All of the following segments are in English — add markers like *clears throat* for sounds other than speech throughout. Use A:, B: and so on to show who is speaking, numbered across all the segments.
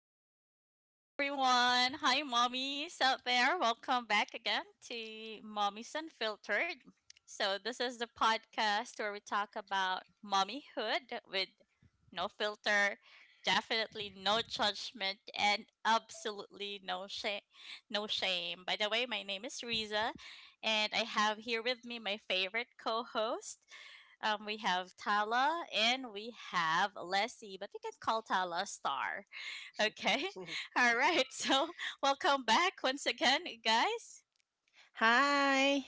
A: Hello, everyone. Hi, mommies out there. Welcome back again to Mommies Unfiltered. So, this is the podcast where we talk about mommyhood with no filter, definitely no judgment, and absolutely no shame. No shame. By the way, my name is Riza, and I have here with me my favorite co-host, we have Tala and we have Leslie, but we can call Tala Star. Okay.
B: *laughs*
A: *laughs* All right. So, *laughs* welcome back once again, guys.
C: Hi.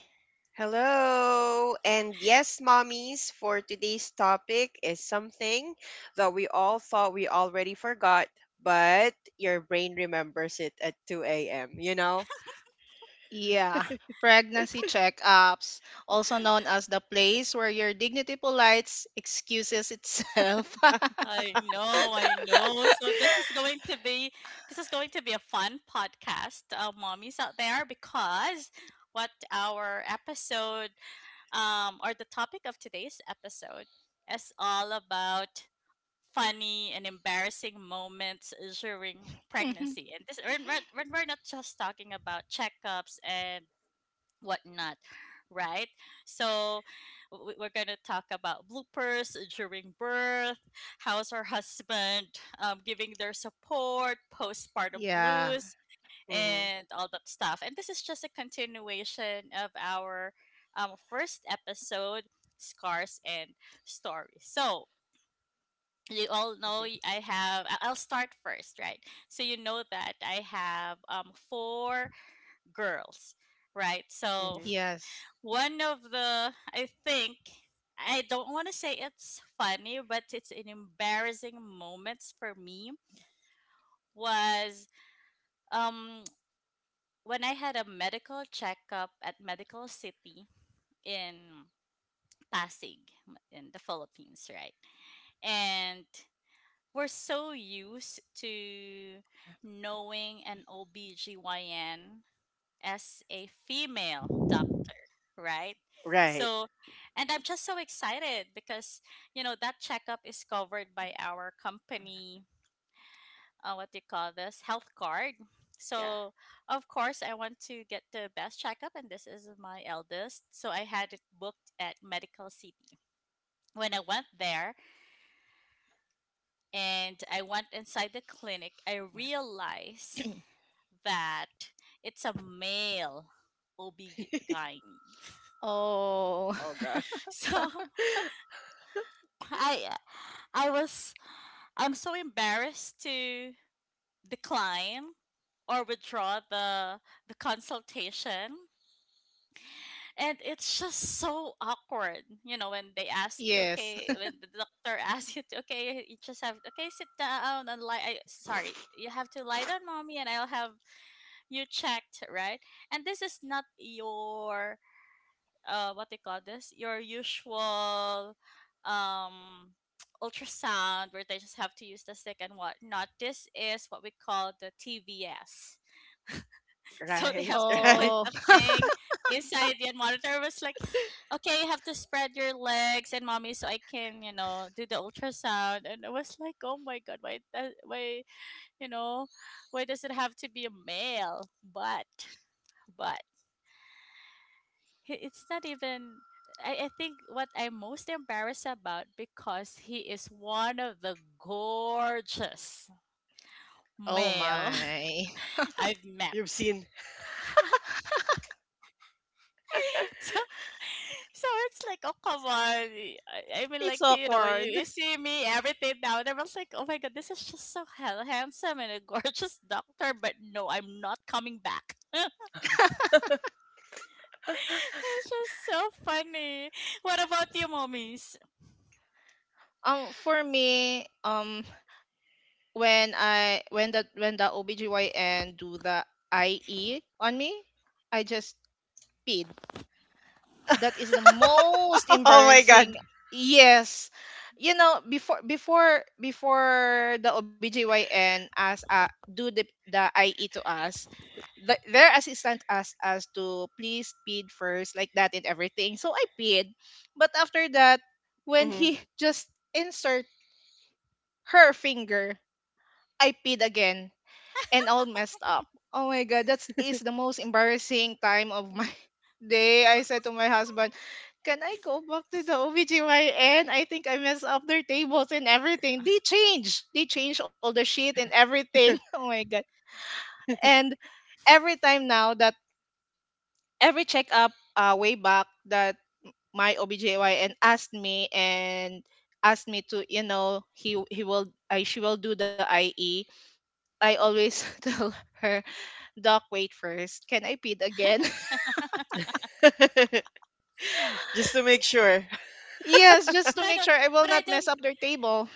B: Hello. And yes, mommies, for today's topic is something that we all thought we already forgot, but your brain remembers it at 2 a.m., you know?
C: Yeah, pregnancy checkups, also known as the place where your dignity polites excuses itself.
A: I know, I know. So this
B: *laughs*
A: is going to be this is going to be a fun podcast, mommies out there, because what our episode or the topic of today's episode is all about funny and embarrassing moments during
C: *laughs*
A: pregnancy. And this we're not just talking about checkups and whatnot, right? So we're going to talk about bloopers during birth, how's our husband giving their support, postpartum
C: Yeah.
A: blues,
B: Hmm.
A: and all that stuff. And this is just a continuation of our first episode, Scars and Stories. So you all know, I have, I'll start first, right? So you know that I have four girls, right? So
B: Hmm.
C: Yes.
A: one of the, I think, I don't want to say it's funny, but it's an embarrassing moments for me was um when I had a medical checkup at Medical City in Pasig in the Philippines, right? And we're so used to knowing an OBGYN as a female doctor, right?
B: Right.
A: So, and I'm just so excited because, you know, that checkup is covered by our company, what do you call this, health card.
B: Yeah.
A: So, of course, I want to get the best checkup, and this is my eldest. So, I had it booked at Medical City. When I went there and I went inside the clinic, I realized that it's a male
B: *laughs*
A: OB-GYN.
C: Oh.
B: Oh, gosh.
A: So *laughs*
B: *laughs*
A: I uh, I was I'm so embarrassed to decline or withdraw the consultation. And it's just so awkward, you know, when they
C: *laughs*
A: ask you,
C: Yes.
A: okay,
C: *laughs*
A: when the doctor *laughs* asks you to, okay, you just have, okay, sit down and lie. I, sorry, you have to lie down, mommy, and I'll have you checked, right? And this is not your what they call this, your usual um *tsk* ultrasound where they just have to use the stick and whatnot. This is what we call the TVS. *laughs* So they
B: Right.
A: have to put
B: Right.
C: Oh.
A: the
C: *laughs*
A: thing inside the monitor. It was like, okay, you have to spread your legs and mommy so I can, you know, do the ultrasound. And I was like, oh my god, why that, why, you know, why does it have to be a male? But but it's not even, I think what I'm most embarrassed about, because he is one of the gorgeous
C: Oh
A: male
C: my.
A: *laughs* I've
B: You've
A: met.
B: seen.
A: *laughs* so so it's like, oh come on, I mean,
C: It's
A: like, you know,
C: awkward.
A: you see me everything now. And I was like, oh my god, this is just so hell handsome and a gorgeous doctor, but no, I'm not coming back. *laughs* It's just so funny. What about you mommies?
C: For me, when I when the OBGYN do the IE on me, I just peed. That is the most
B: *laughs* Oh, my God.
C: embarrassing. Yes. You know, before the OBGYN as do the IE to us, their assistant asked us to please feed first like that and everything. So I peed. But after that,
B: Hmm.
C: when he *laughs* just insert her finger, I peed again and all messed up. Oh my god, that is the most embarrassing time of my *laughs* day. I said to my husband, "Can I go back to the OBGYN? I think I messed up their tables and everything. They changed. They changed all the shit and everything.
B: *laughs*
C: *laughs* Oh my god." And every time now that every checkup way back that my OBGYN asked me and asked me to, you know, he will I she will do the IE. I always *laughs* tell her Doc, wait first. Can I bid again? *laughs*
B: Just to make sure.
C: Yes, just
A: But
C: to
A: I
C: make
A: don't.
C: sure I will
A: But I
C: not mess
A: don't.
C: up their table.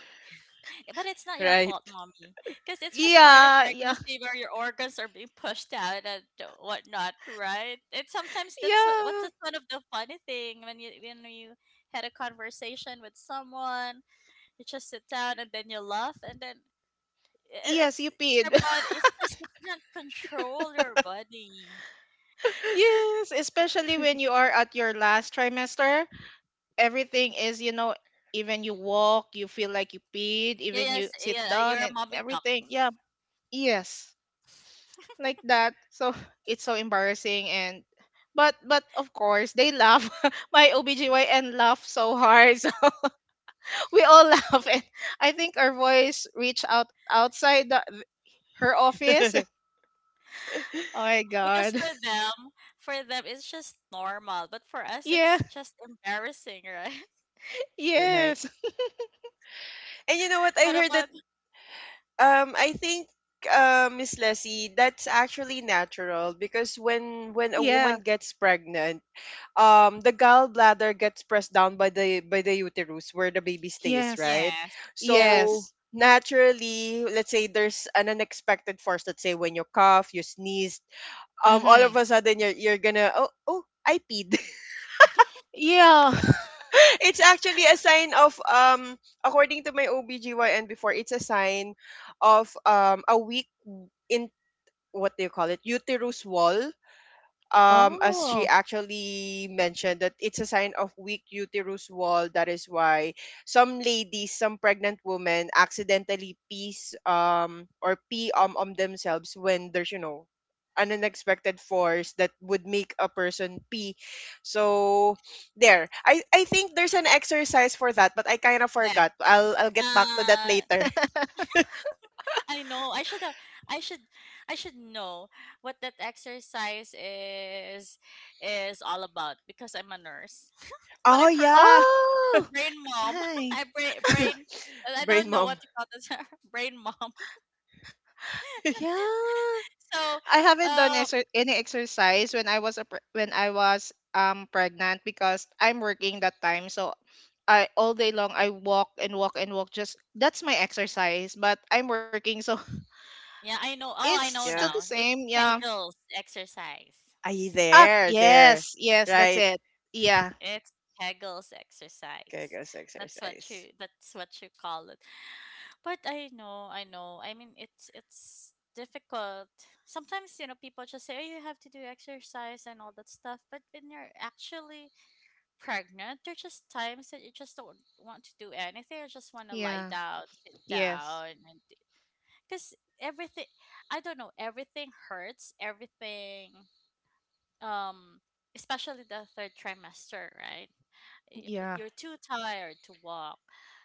A: But it's not
B: *laughs*
A: your
B: Right.
A: fault, mommy, because it's just part of
C: Yeah, yeah,
A: pregnancy where your organs are being pushed out and whatnot, right? And sometimes that's
C: yeah.
A: that's one of the funny thing when you had a conversation with someone, you just sit down and then you laugh, and then
C: Yes,
A: it's
C: you
A: your
C: peed.
A: body.
C: *laughs*
A: It's just you can't control your body.
C: Yes, especially when you are at your last trimester. Everything is, you know, even you walk, you feel like you peed,
A: Yeah,
C: even
A: yes,
C: you sit
A: yeah, you're
C: down
A: a
C: and
A: mommy.
C: everything. Yeah, yes, like that. So *laughs* it's so embarrassing and. But of course they laugh. *laughs* My OBGYN laugh so hard. *laughs* We all *laughs* laugh, and I think our voice reached out outside her
B: *laughs*
C: office. *laughs*
B: Right.
C: Oh my
A: Because
C: god.
A: for them it's just normal, but for us
C: *laughs* Yeah.
A: it's just embarrassing, right? *laughs*
B: And
C: Yes.
B: you know what? I
A: What
B: heard that.
A: about
B: I think, Miss Leslie, that's actually natural because when a
C: Yeah.
B: woman gets pregnant, the gallbladder gets pressed down by the uterus where the baby stays,
C: Yes.
B: right?
A: yes. Yeah. *laughs*
B: So
C: Yes.
B: naturally, let's say there's an unexpected force. Let's say when you cough, you sneeze, all
C: Mm-hmm.
B: of a sudden you're gonna, oh, oh, I peed. *laughs*
C: Yeah.
B: It's actually a sign of, according to my OBGYN before, it's a sign of, a weak, what do you call it, uterus wall.
C: *laughs*
B: Um, as she
C: Oh.
B: actually mentioned, that it's a sign of weak uterus wall, that is why some ladies, some pregnant women, accidentally piece, or pee, on themselves when there's an unexpected force that would make a person pee. So there, I think there's an exercise for that, but I kind of
A: Yes.
B: forgot. I'll get back to that
A: Uh
B: later.
A: I know. I should I should know what that exercise is all about, because I'm a nurse.
B: *laughs*
A: *laughs* But I
B: Oh,
A: forgot.
B: yeah.
C: Oh
A: Brain mom. *laughs*
C: yeah.
A: I brain brain
B: *laughs*
A: I don't
B: Brain
A: know what
B: mom.
A: you call this. *laughs* Brain mom.
C: Yeah.
A: So
C: I haven't done
A: uh
C: any exercise when I was pregnant because I'm working that time, so. I all day long, I walk and walk and walk, just that's my exercise, but I'm working, so.
A: yeah, I know.
C: It's
A: Oh, I know
C: still the
B: Yeah.
A: now. It's
C: same, yeah.
A: Kegels exercise.
B: Are you
C: Ah,
B: there, there.
C: yes, yes, that's
B: Right.
C: it. Yeah,
A: It's Hegel's exercise.
B: Kegels exercise.
A: That's what you call it. But I know, I know. I mean, it's difficult. Sometimes, you know, people just say, oh, you have to do exercise and all that stuff. But when you're actually pregnant, there's just times that you just don't want to do anything. You just wanna lie
C: yeah,
A: down, sit
C: yes,
A: down, and because everything, I don't know, everything hurts, everything, um especially the third trimester, right? If
C: yeah.
A: you're too tired to walk,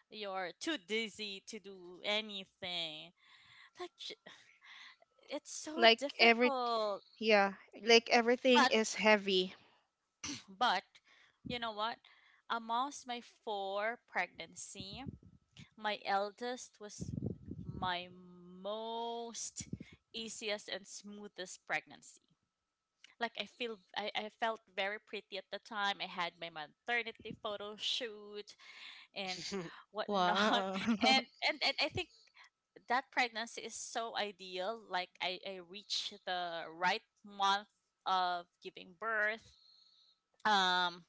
A: you're too dizzy to do anything, like, it's so
C: Like every,
A: difficult.
C: yeah, like everything
A: but
C: is heavy.
A: but you know what, amongst my four pregnancy, my eldest was my most easiest and smoothest pregnancy. Like I feel, I felt very pretty at the time. I had my maternity photo shoot and
B: *laughs*
A: whatnot.
C: Wow.
A: *laughs*
C: *laughs*
A: And I think that pregnancy is so ideal. Like, I reached the right month of giving birth. Um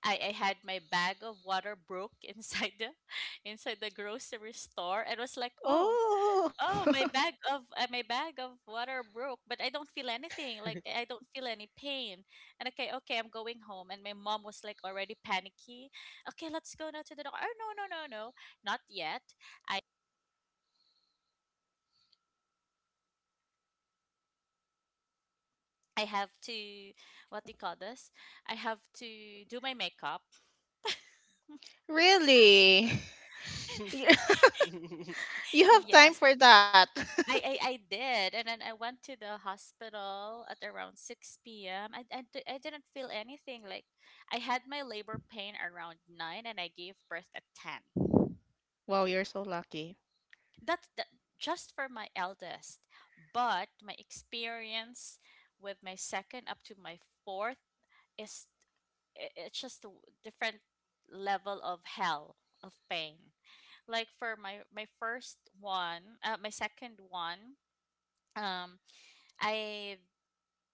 A: I had my bag of water broke inside the *laughs* inside the grocery store. It was like, oh,
C: Oh.
A: oh, my bag of water broke, but I don't feel anything. Like, I don't feel any pain. And okay, okay, I'm going home. And my mom was like already panicky. Okay, let's go now to the doctor. Oh no, no, no, no, not yet. I I have to, what do you call this? I have to do my makeup.
C: *laughs* Really? *laughs* You
A: *laughs*
C: *laughs* you have time
A: Yes,
C: for that. *laughs*
A: I I did, and then I went to the hospital at around 6 p.m. I didn't feel anything. Like, I had my labor pain around 9, and I gave birth at 10.
C: Wow, you're so lucky.
A: That's the, just for my eldest, but my experience with my second up to my fourth is, it's just a different level of hell of pain. Like for my my second one, um, I've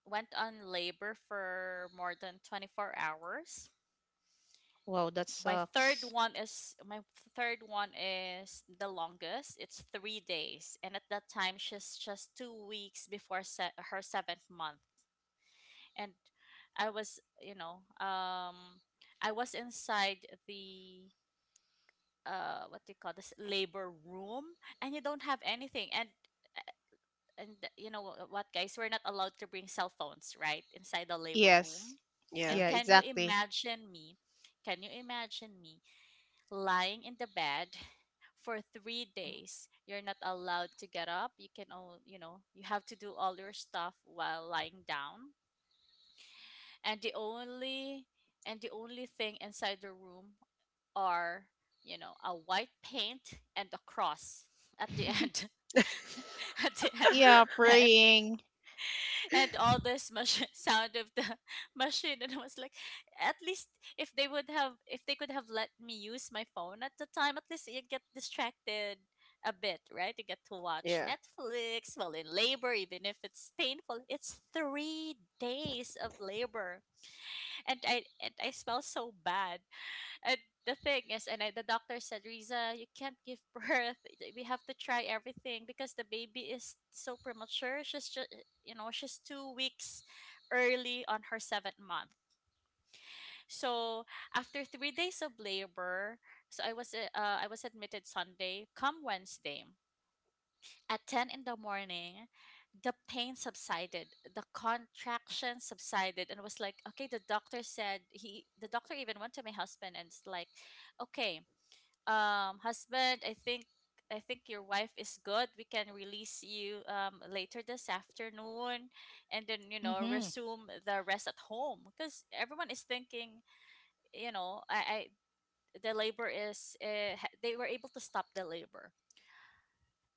A: went on labor for more than 24 hours.
C: Wow, that sucks.
A: My third one is the longest. It's 3 days, and at that time she's just 2 weeks before her 7th month. And I was, you know, I was inside the what do you call this labor room, and you don't have anything, and you know, what guys, we're not allowed to bring cell phones right inside the labor room.
C: Yes.
B: Yeah.
A: And
B: *laughs*
C: Yeah, exactly.
A: can you imagine me lying in the bed *laughs* for 3 days. You're not allowed to get up, you can all, you know, you have to do all your stuff while lying down. And the only thing inside the room are, you know, a white paint and a cross *laughs* at the end *laughs* at the end of
C: Yeah,
A: the bed,
C: praying.
A: and all this machine *laughs* sound of the *laughs* machine. And I was like, at least if they would have, if they could have let me use my phone at the time, at least you get distracted a bit, right? You get to watch
B: Yeah.
A: Netflix while in labor, even if it's painful, it's 3 days of labor. And I smell so bad. And the thing is, the doctor said, Riza, you can't give *laughs* birth. We have to try everything because the baby is so premature. She's just, you know, she's 2 weeks early on her seventh month. So after 3 days of labor, so I was admitted Sunday. Come Wednesday at 10 in the morning, the pain subsided, the contraction subsided, and was like, okay. The doctor said he. The doctor even went to my husband and was like, okay, um, husband, I think your wife is good, we can release you later this afternoon. And then, you know,
C: Mm-hmm.
A: resume the rest at home, because everyone is thinking, you know, I, the labor is they were able to stop the labor.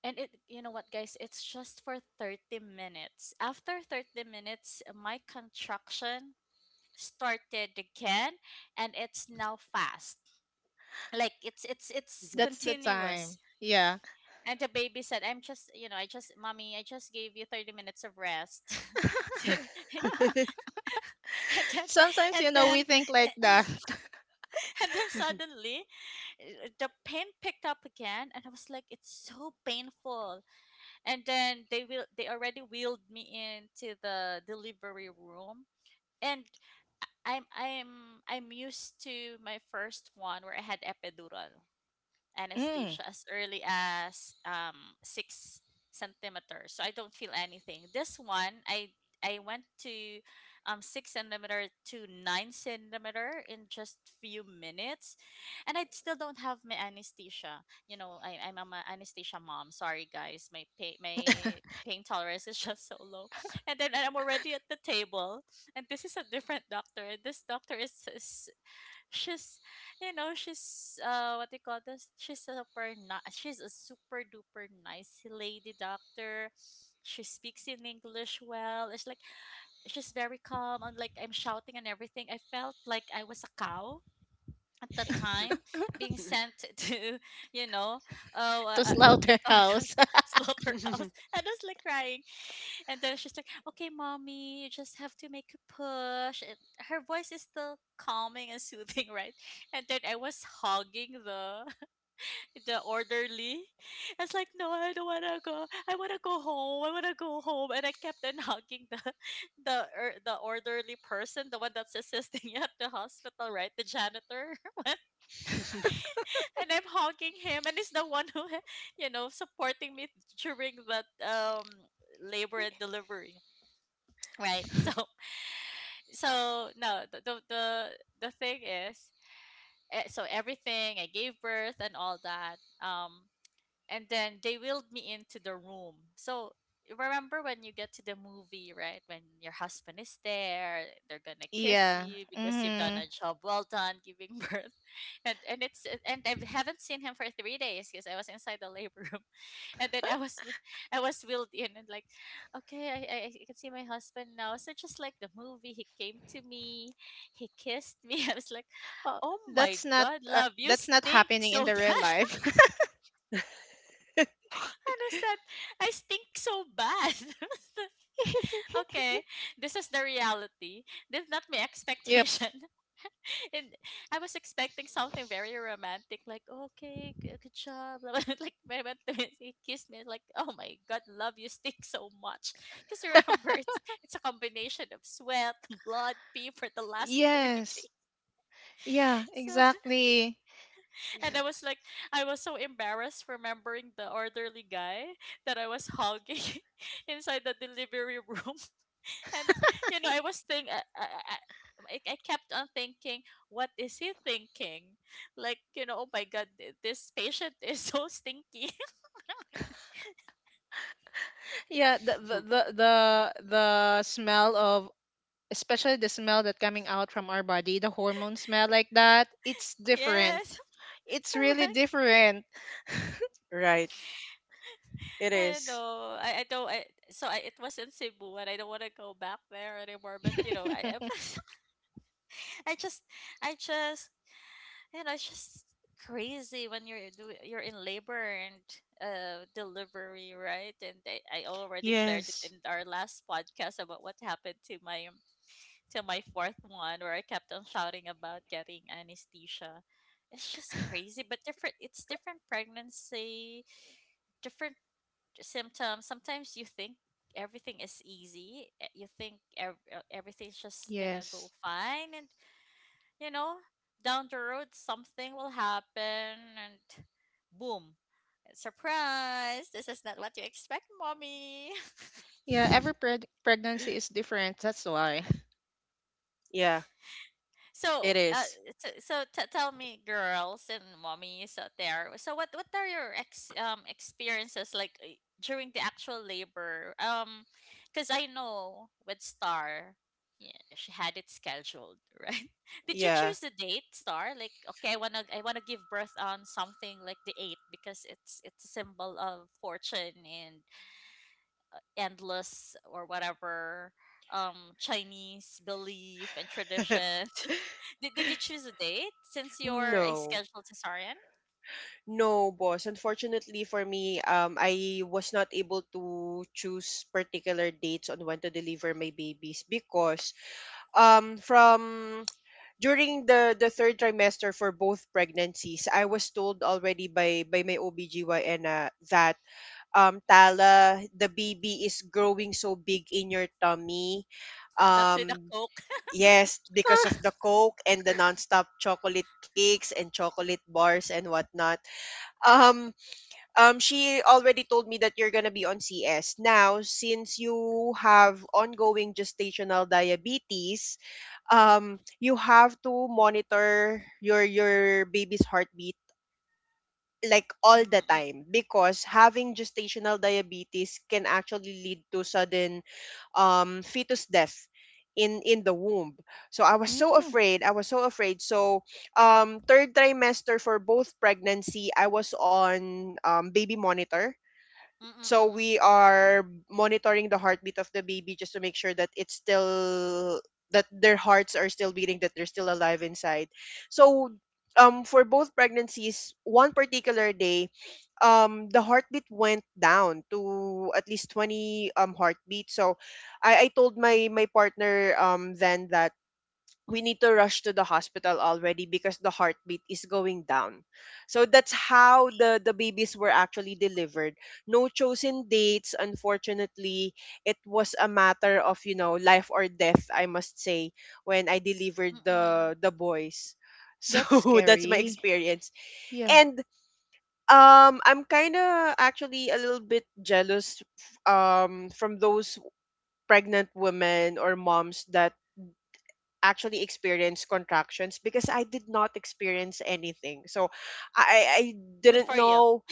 A: And it, you know what guys, it's just for 30 minutes. After 30 minutes, my contraction started again, and it's now fast, like, it's
C: That's
B: *laughs*
C: the time.
A: continuous.
C: Yeah.
A: And the baby said, I'm just, you know, mommy, I just gave you 30 minutes of rest.
C: *laughs*
A: *laughs* and then,
C: Sometimes,
A: and
C: you know,
A: then,
C: we think like that.
A: *clears throat* *coughs* and then suddenly, the pain picked up again. And I was like, it's so painful. And then they will, they already wheeled me into the delivery room. And I'm used to my first one where I had epidural
C: Mm,
A: anesthesia as early as 6 centimeters. So I don't feel anything. This one, I went to 6 centimeter to 9 centimeter in just few minutes, and I still don't have my anesthesia. You know, I'm an anesthesia mom. Sorry guys, my pain tolerance *laughs* is just so low. And then I'm already at the table, and this is a different doctor. This doctor is, she's she's what do you call this she's super not she's a super duper nice lady doctor. She speaks in English well. It's like she's very calm, and like I'm shouting and everything. I felt like I was a cow at that time being sent *laughs* to you know
C: to
A: what they call this
C: slaughterhouse.
A: *laughs*
C: *laughs*
A: slaughterhouse, and I was like crying. And then she's like, okay, mommy, you just have to make a push, and her voice is still calming and soothing, *laughs* right? And then I was hogging the *laughs* the orderly. I was like, no, I don't want to go, I want to go home, I want to go home, and I kept on hugging the *laughs* the orderly person, the one that's assisting *laughs* you at the hospital, right? The janitor. And I'm hugging him, and he's the one who, *laughs* supporting me during that labor and delivery, right? *laughs* So, so no, the thing is, so everything, I gave birth and all that. And then they wheeled me into the room. So remember when you get to the movie, right? When your husband is there, they're gonna kiss
C: Yeah.
A: you because you've done
C: Mm-hmm.
A: a job well done giving *laughs* birth, and it's and I haven't seen him for three days because I was inside the labor room, *laughs* and then I was, I was wheeled in and like, okay, I can see my husband now. So just like the movie, he came to me, he kissed me. *laughs* I was like,
C: Oh,
A: oh my
C: that's not
A: god, love, you
C: that's not
A: stink
C: happening
A: so
C: in the
A: *laughs*
C: real
A: bad.
C: life.
A: What is that? I stink so bad. *laughs* Okay, this is the reality. This is not my
C: *laughs* Yep.
A: expectation. *laughs* And I was expecting something very romantic, like, okay, good, good job, *laughs* blah, blah. Like when I went to him, he kissed me, like, oh my god, love, you stink so much. Because remember, it's a combination of sweat, *laughs* blood, pee for the last three
C: Yes.
A: days.
C: Yeah,
A: *laughs* So,
C: exactly.
A: and I was like, I was so embarrassed remembering the orderly guy that I was hugging *laughs* inside the delivery room. *laughs* And, you know, I was think I I kept on thinking, what is he thinking? Like, you know, oh my God, this patient *laughs* is so stinky.
C: Yeah, the smell of, especially the smell that coming out from our body, the hormone smell like that, it's
A: *laughs*
C: different.
A: Yes, *laughs*
C: It's really
A: correct.
C: different.
B: Right. It
A: I
B: is.
A: know. I don't. I, so I, it was in Cebu, and I don't want to go back there anymore. But
C: *laughs*
A: *laughs* I just I just you know, it's just crazy when you're do you're in labor and delivery, right? And I already shared
C: Yes.
A: it in our last podcast about what happened to my fourth one, where I kept on shouting about getting anesthesia. It's just crazy, but different it's different pregnancy, different symptoms. Sometimes you think everything is easy. Everything's just gonna
C: Yes.
A: go fine, and you know, down the road something will happen, and boom, surprise, this is not what you expect, mommy. *laughs*
C: Yeah, every pregnancy is different. That's why. *laughs*
B: Yeah,
A: So,
B: it
A: uh,
B: is.
A: Tell me, girls and mommies out there. So, what are your ex experiences like, during the actual labor? Because I know with Star, yeah, she had it scheduled, *laughs* right? Did you
B: Yeah.
A: choose the date, Star? Like, okay, I wanna give birth on something like the eighth because it's a symbol of fortune and endless or whatever Chinese belief and
B: *laughs*
A: tradition. *laughs* Did you choose a date since you're a
B: No.
A: scheduled cesarean?
B: No, boss. Unfortunately for me, I was not able to choose particular dates on when to deliver my babies because from during the third trimester for both pregnancies, I was told already by my OBGYN, that, Tala, the baby is growing so big in your tummy.
A: That's with a
B: Um
A: Coke.
B: yes, because of
C: Ah.
B: the coke and the nonstop chocolate cakes and chocolate bars and whatnot. Um she already told me that you're gonna be on CS. Now, since you have ongoing gestational diabetes, you have to monitor your baby's heartbeat like
A: *laughs*
B: all the time
A: Mm,
B: because having gestational diabetes can actually lead to sudden fetus death in the womb. So I was so
C: Mm.
B: afraid, I was so afraid. So third trimester for both pregnancy, I was on baby monitor.
A: mm, mm, mm,
B: So
A: mm,
B: we are monitoring the heartbeat of the baby just to make sure that it's still, that their hearts are still beating, that they're still alive inside. So for both pregnancies, one particular day, the heartbeat went down to at least 20 heartbeats. So I told my partner, then, that we need to rush to the hospital already because the heartbeat is going down. So that's how the babies were actually delivered. No chosen dates, unfortunately. It was a matter of, life or death, I must say, when I
A: mm,
B: delivered
A: mm.
B: the boys. *laughs*
C: That's
B: So that's my
C: scary.
B: experience.
C: Yeah.
B: And I'm kind of actually a little bit jealous from those pregnant women or moms that actually experience contractions because I did not experience anything. So I
A: Good
B: didn't
A: for you.
B: know,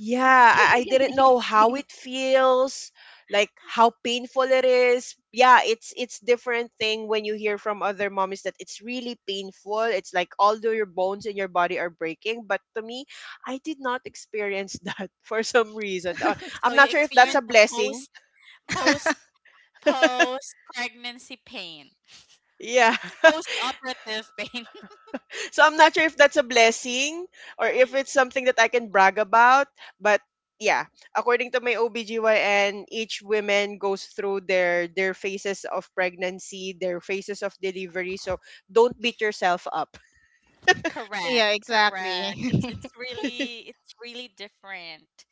B: yeah, I didn't know how it feels, like how painful it is. Yeah, it's different thing when you hear from other mommies that it's really painful. It's like all your bones in your body are breaking, but to me, I did not experience *laughs* that for some reason.
A: So
B: I'm
A: you
B: not sure if that's
A: experience
B: a
A: the
B: blessing.
A: post
B: *laughs*
A: post
C: *laughs*
A: post pregnancy pain,
B: Yeah.
A: post operative pain.
B: So I'm not sure if that's a blessing or if it's something that I can brag about, but yeah, according to my OBGYN, each woman goes through their phases of pregnancy, their phases of delivery. So don't beat yourself up.
A: *laughs* Correct,
C: Yeah,
A: correct. It's
C: exactly.
A: it's
B: *laughs*
A: really it's really different.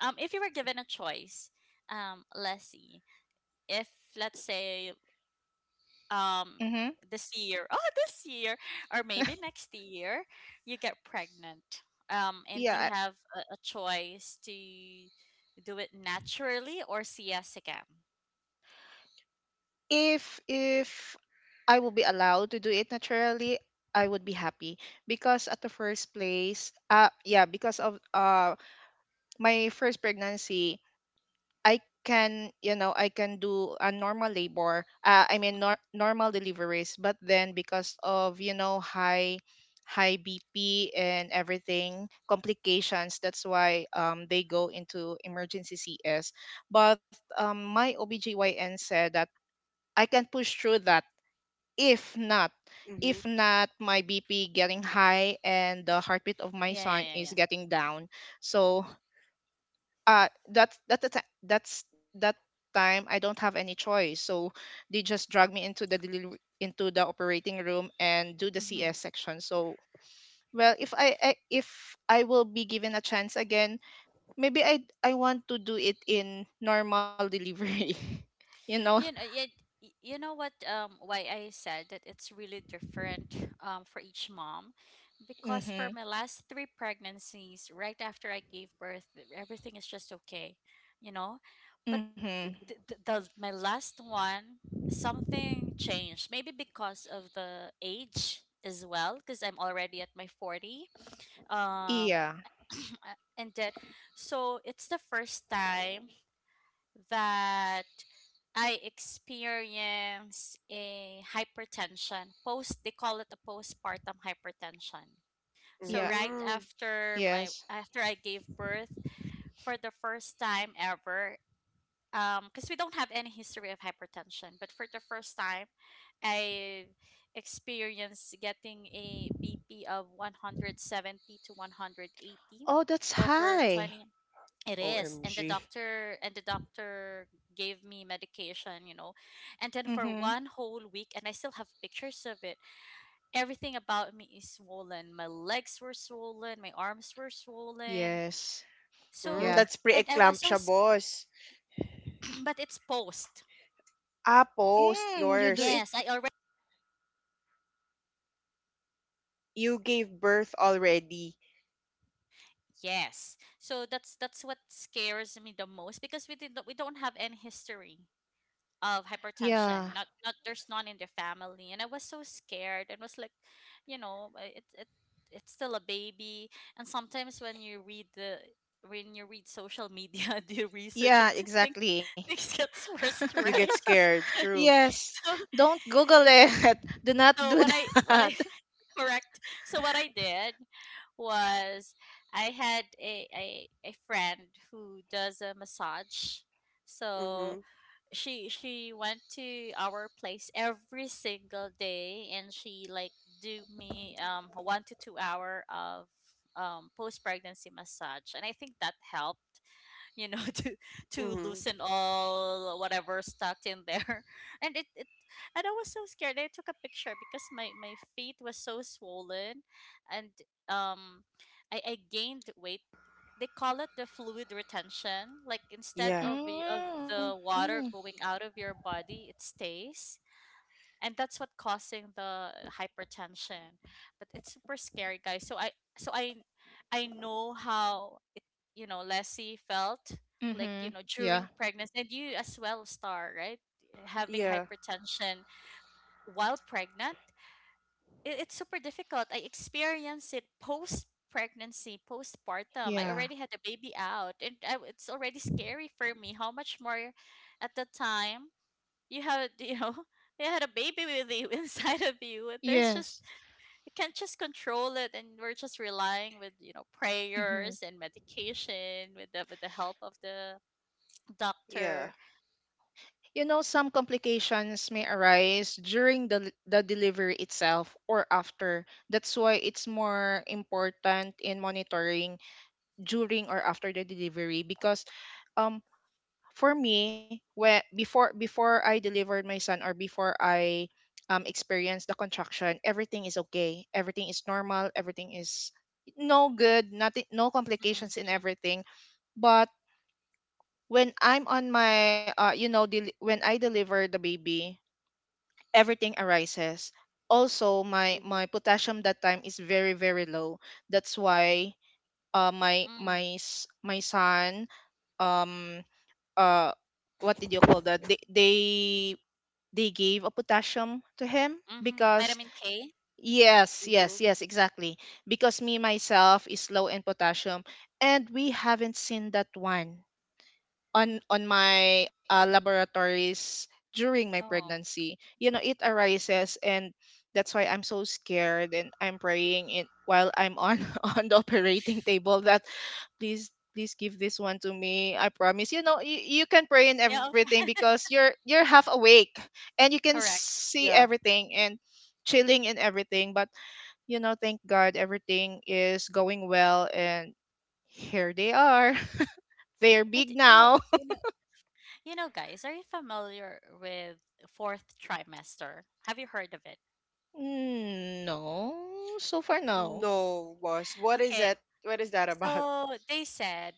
A: If you were given a choice, Leslie, if let's say,
C: *laughs*
A: um,
C: Hmm.
A: this year *laughs* oh, this year or maybe next year, you get pregnant, um, and you
C: Yeah.
A: have a choice to do it naturally or cskm.
C: If I will be allowed to do it naturally, I would be happy because at the first place, yeah, because of my first pregnancy, I can do a normal labor. I mean,
A: Mhm.
C: normal deliveries. But then, because of, you know, high, high BP and everything complications, that's why they go into emergency CS. But my OBGYN said that I can push through that. If not,
B: Mm-hmm.
C: if not, my BP getting high and the heartbeat of my
A: Yeah,
C: son
A: yeah,
C: is
A: yeah.
C: getting down. So uh that's that that's that's that time, I don't have any choice. So they just drag me into the delivery into the operating room and do the
A: Yeah. Hmm.
C: CS section. So, well, if I will be given a chance again, maybe I want to do it in normal delivery. *laughs* You know?
A: You know it, y- you know what, um, why I said that it's really different, um, for each mom, because for
C: Mhm.
A: my last three pregnancies, right after I gave birth, everything is just okay, you know, but
C: Mhm.
A: the my last one, something changed, maybe because of the age as well, because I'm already at my 40. um
C: Yeah.
A: *clears throat* and then so it's the first time that I experience a hypertension, post, they call it a postpartum hypertension. So
C: Yeah.
A: right
B: Mm.
A: after my,
C: Yes.
A: after I gave birth, for the first time ever, because we don't have any history of hypertension. But for the first time, I experienced getting a BP of 170 to 180
C: Oh, that's
A: over
C: high.
A: 20. It is, and the
B: OMG.
A: doctor and the doctor gave me medication, you know, and then for
C: Mhm.
A: one whole week, and I still have pictures of it. Everything about me is swollen. My legs were swollen. My arms were swollen.
C: Yes.
B: Mm,
A: So,
C: Yeah.
B: that's
A: and I was so,
B: pre-eclampsia, boss.
A: *clears throat* but it's post.
B: Ah, post
C: Mm, you do
B: yours.
C: it.
A: Yes, I already.
B: You gave birth already.
A: Yes. So that's what scares me the most because we did not we don't have any history of
C: Yeah.
A: hypertension. Not there's none in the family, and I was so scared and was like, you know, it's still a baby. And sometimes when you read social media, *laughs* do you research it?
C: Yeah,
A: *laughs* Things,
C: exactly.
A: things gets worse,
C: *laughs*
B: You get
A: right?
B: scared. True.
A: *laughs*
C: Yes.
A: So,
C: Don't Google it. *laughs* Do not
A: So
C: do
A: what I what I
C: that. *laughs*
A: *laughs* correct. So what I did was, I had a friend who does a massage.
B: Mm-hmm.
A: So she went to our place every single day, and she like do me 1 to 2 hour of post pregnancy massage, and I think that helped, you know, *laughs* to
B: Mm-hmm.
A: loosen all whatever stuck in there, *laughs* and it, and I was so scared, I took a picture because my feet was so swollen. And, um, I gained weight. They call it the fluid retention, like instead
B: Yeah.
A: of
C: Mm,
A: the
C: mm,
A: water going out of your body, it stays, and that's what causing the hypertension. But it's super scary, guys. So I know how it, you know, Leslie felt, like, you
C: mm-hmm.
A: know,
C: Yeah.
A: during pregnancy, and you as well, Star, right? Having
B: Yeah.
A: hypertension while pregnant, it's super difficult. I experienced it post pregnancy, postpartum. I
C: Yeah.
A: already had the baby out, and I, it's already scary for me, how much more at the time you have, you know, *laughs* you had a baby with you *laughs* inside of you, and there's just,
C: Yes.
A: you can't just control it, and we're just relying with, you know,
C: Mm-hmm.
A: prayers and medication, with the help of the
B: Yeah.
A: doctor.
C: You know, some complications may arise during the delivery itself or after. That's why it's more important in monitoring during or after the delivery because um for me, when before I delivered my son or before I experienced the contraction, everything is okay, everything is normal, everything is no good, nothing, no
A: Mm-mm,
C: complications in everything. But when I'm on my you know del- when I deliver the baby, everything arises. Also, my
B: Mhm.
C: my potassium that time is very, very low. That's why, uh my
A: mm,
C: my s- my son, um uh what did you call that, they gave a potassium to him.
A: mm, mhm.
C: Because
A: Vitamin K.
C: yes,
B: Mm-hmm.
C: yes, yes, exactly. Because me myself is low in potassium, and we haven't seen that one on my laboratories during my
A: Oh,
C: pregnancy, you know, it arises. And that's why I'm so scared, and I'm praying it while I'm on *laughs* on the operating table that please, please give this one to me. I promise. You know, you can pray in
A: yeah,
C: everything
A: okay.
C: because you're half awake and you can
A: Correct.
C: see
B: Yeah.
C: everything and chilling in everything, but you know, thank god everything is going well, and here they are. *laughs* They're
A: But
C: big now.
A: you know you know, guys, are you familiar with fourth trimester? Have you heard of it?
C: Mm, no. So far, no.
B: No, boss. What is it?
A: Okay,
B: What is that about?
A: so they said,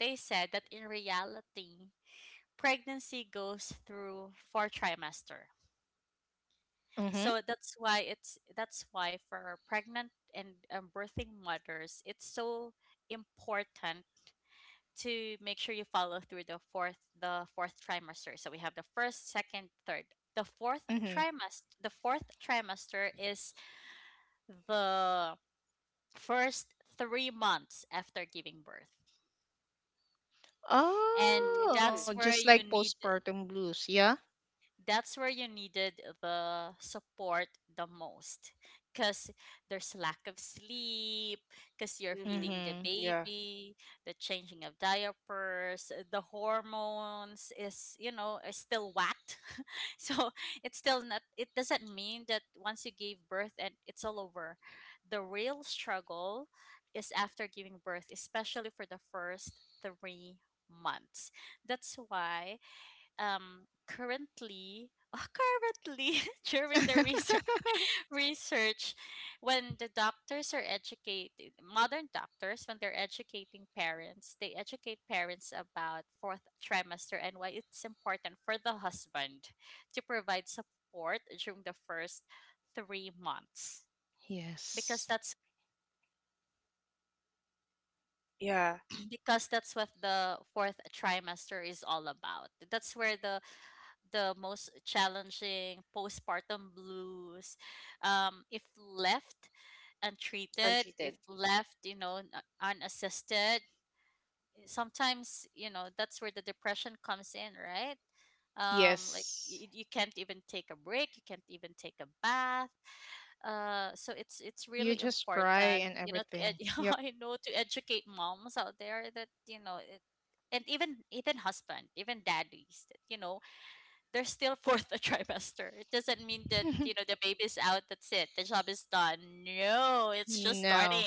A: they said that in reality, pregnancy goes through four trimester.
C: Mm-hmm.
A: So that's why it's, that's why for pregnant and, birthing mothers, it's so important to make sure you follow through the fourth, the fourth trimester. So we have the first, second, third. The fourth
C: Mm-hmm.
A: the fourth trimester is the first 3 months after giving birth. And
C: Oh,
B: Mm.
A: that's
C: just
A: where
C: like
A: you need,
C: postpartum blues, yeah?
A: that's where you needed the support the most, because there's lack of sleep because you're
B: Mm-hmm.
A: feeding the
C: Mm-hmm.
B: Yeah.
A: baby, the changing of diapers, the hormones is, you know, is still whacked. *laughs* So it's still not, it doesn't mean that once you gave birth and it's all over. The real struggle is after giving birth, especially for the first 3 months. That's why, um, currently *laughs* currently *laughs* during the
C: *laughs*
A: research, *laughs* research, when the doctors are educated, modern doctors, when they're educating parents, they educate parents about fourth trimester and why it's important for the husband to provide support during the first 3 months, because
C: Yes.
A: that's,
B: Yeah.
A: *clears throat* because that's what the fourth trimester is all about. That's where the most challenging postpartum blues, if left untreated, if
B: Untreated.
A: left, you know, unassisted, sometimes, you know, that's where the depression comes in, right? Um, like
C: Yes.
A: you can't even take a break, you can't even take a bath. Uh, so it's
C: You
A: really
C: just cry
A: important,
C: and
A: you know, to
C: everything.
A: *laughs*
C: Yep.
A: I know, to educate moms out there that you know it, and even, even husband, even daddies, that you know, they're still *laughs* fourth a trimester. It doesn't mean that, you
C: *laughs*
A: know, the baby's out, that's it, the job is done. No, it's just
C: No.
A: starting.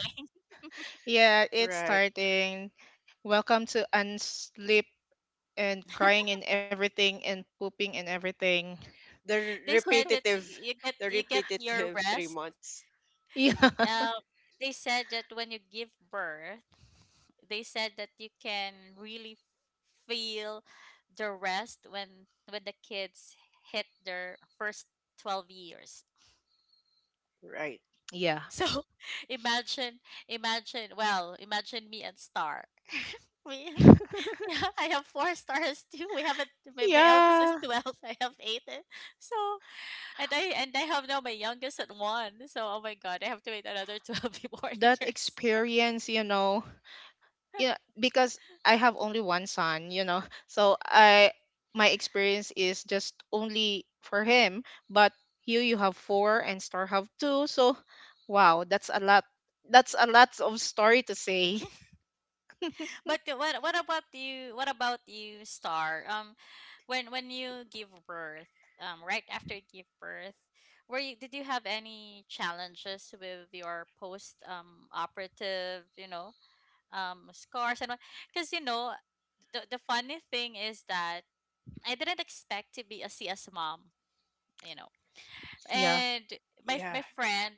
C: Yeah, it's
B: Right.
C: starting. Welcome to unsleep and crying and everything and pooping and everything.
B: The
A: *laughs*
B: r-
A: They said that
B: repetitive,
A: you get,
B: the
A: you get your
B: repetitive *laughs* three
A: rest.
B: months.
C: *laughs* Yeah.
A: The- Um, they said that when you give birth, they said that you can really feel the rest when the kids hit their first 12 years.
B: Right.
C: Yeah.
A: So *laughs* imagine me and Star. *laughs* We,
C: *laughs*
A: yeah, *laughs* I have four stars too. We haven't. My eldest
C: Yeah.
A: is 12. I have eight. Eh. So, and I have now my youngest at one. So oh my god, I have to wait another 12 *laughs* more
C: That
A: years.
C: experience, you know. Yeah, because I have only one son, you know. *laughs* So I my experience is just only for him, but you have four and Star have two. So wow, that's a lot. That's a lot of story to say.
A: *laughs*
C: *laughs*
A: But what about you? What about you, Star? When you give birth, right after you give birth, were you, did you have any challenges with your post, um, operative, you know, um, scars and what? Because you know, the funny thing is that I didn't expect to be a CS mom, you know.
C: Yeah.
A: And my
B: Yeah.
A: friend,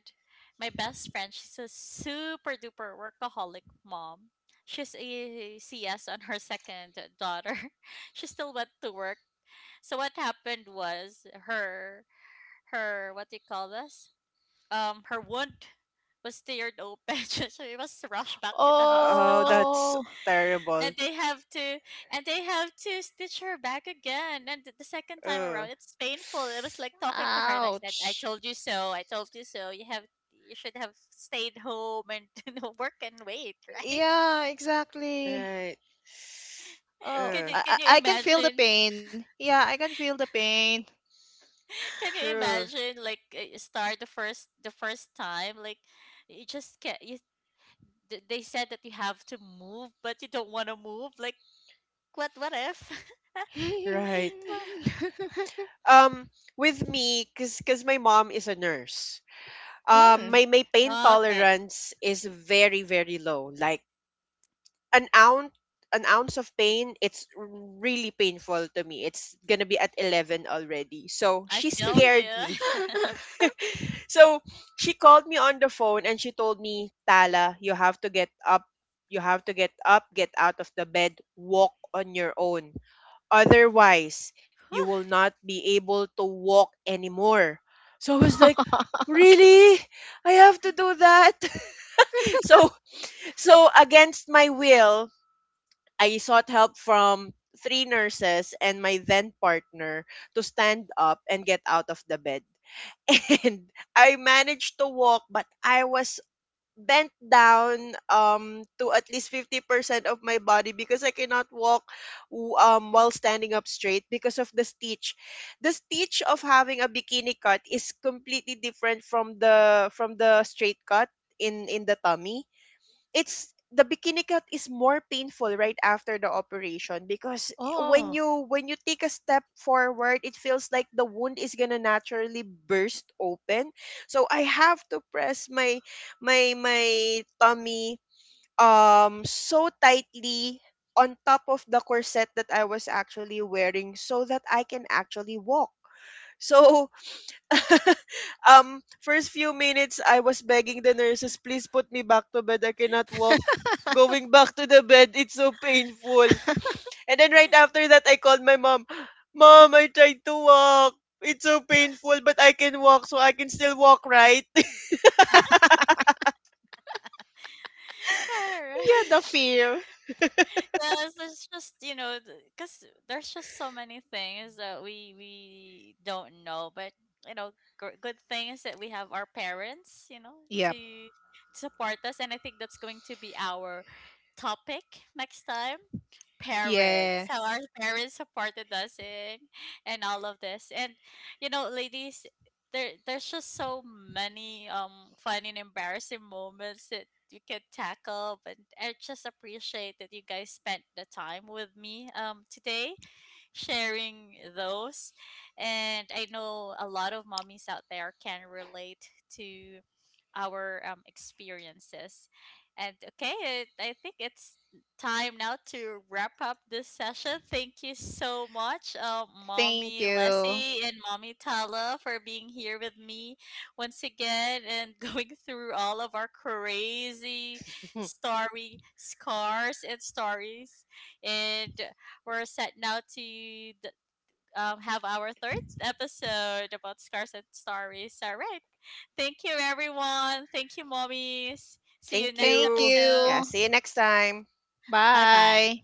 A: my best friend, she's a super duper workaholic mom. She's a CS on her second daughter. *laughs* She still went to work. So what happened was her, her, what do you call this? Her wound was teared open. *laughs* So she was rushed back to the
B: Oh,
A: hospital.
B: that's
C: Oh,
A: And
B: terrible.
A: they have to, and they have to stitch her back again, and the second time
B: Uh.
A: around, it's painful. It was
B: *sighs*
A: like talking to her, and I said, I
C: ouch.
A: told you so, I told you so. You have, you should have stayed home and, *laughs* you know, work and wait, right?
C: Yeah, exactly.
B: Right.
A: *laughs*
C: Oh,
A: Can
B: Uh.
A: you, can you
C: I can feel the
A: imagine,
C: pain. Yeah, I can feel the pain.
A: can you
B: True.
A: imagine, like, you start the first, the first time, like you just can't you, they said that you have to move, but you don't want to move. Like, what if? *laughs*
B: Right.
C: *laughs*
B: Um. With me, cause, my mom is a nurse. um
C: Mm.
B: my my pain
A: Well, okay.
B: tolerance is very very low, like an ounce an ounce of pain. It's really painful to me. It's gonna be at 11 already, so
A: I
B: she
A: feel you.
B: scared me.
C: *laughs*
B: *laughs* So she called me on the phone and she told me, Tala, you have to get up, you have to get up, get out of the bed, walk on your own, otherwise you
A: *laughs*
B: will
A: Whew.
B: not be able to walk anymore. So I was like,
C: *laughs*
B: really, I have to do that? *laughs* so so, against my will, I sought help from 3 nurses and my then partner to stand up and get out of the bed. *laughs* And I managed to walk, but I was bent down, to at least 50% of my body, because I cannot walk while standing up straight because of the stitch. The stitch of having a bikini cut is completely different from the straight cut in the tummy. It's, the bikini cut is more painful right after the operation because when
C: Oh.
B: you when you take a step forward, it feels like the wound is going to naturally burst open. So I have to press my tummy, so tightly on top of the corset that I was actually wearing so that I can actually walk. *laughs* So. *laughs* First few minutes, I was begging the nurses, please put me back to bed. I cannot walk. Going back to the bed, it's so painful. And then right after that, I called my mom. Mom, I tried to walk. It's so painful, but I can walk, so I can still walk, right?
A: Correct.
C: Yeah, the
A: *laughs*
C: fear.
A: Yes, it's just, you know, because there's just so many things that we don't know, but you know, good thing is that we have our parents, you know,
C: Yep.
A: to support us, and I think that's going to be our topic next time. Parents, how our
C: Yes.
A: parents supported us in, and all of this. And you know, ladies, there, there's just so many fun and embarrassing moments that we can tackle. But I just appreciate that you guys spent the time with me, um, today. *laughs* Sharing those. And I know a lot of mommies out there can relate to our, experiences. And okay, it, I think it's time now to wrap up this session. Thank you so much,
C: Thank
A: Mommy
C: you.
A: Leslie and Mommy Tala, for being here with me once again and *laughs* going through all of our crazy
B: *laughs*
A: story scars and stories. And we're set now to have our third episode about scars and stories. All right. Thank you, everyone. Thank you, mommies. See
B: Thank
A: you next
C: Thank
B: you. Yeah,
A: episode.
C: you.
B: see you next time.
A: Bye bye.
C: Bye.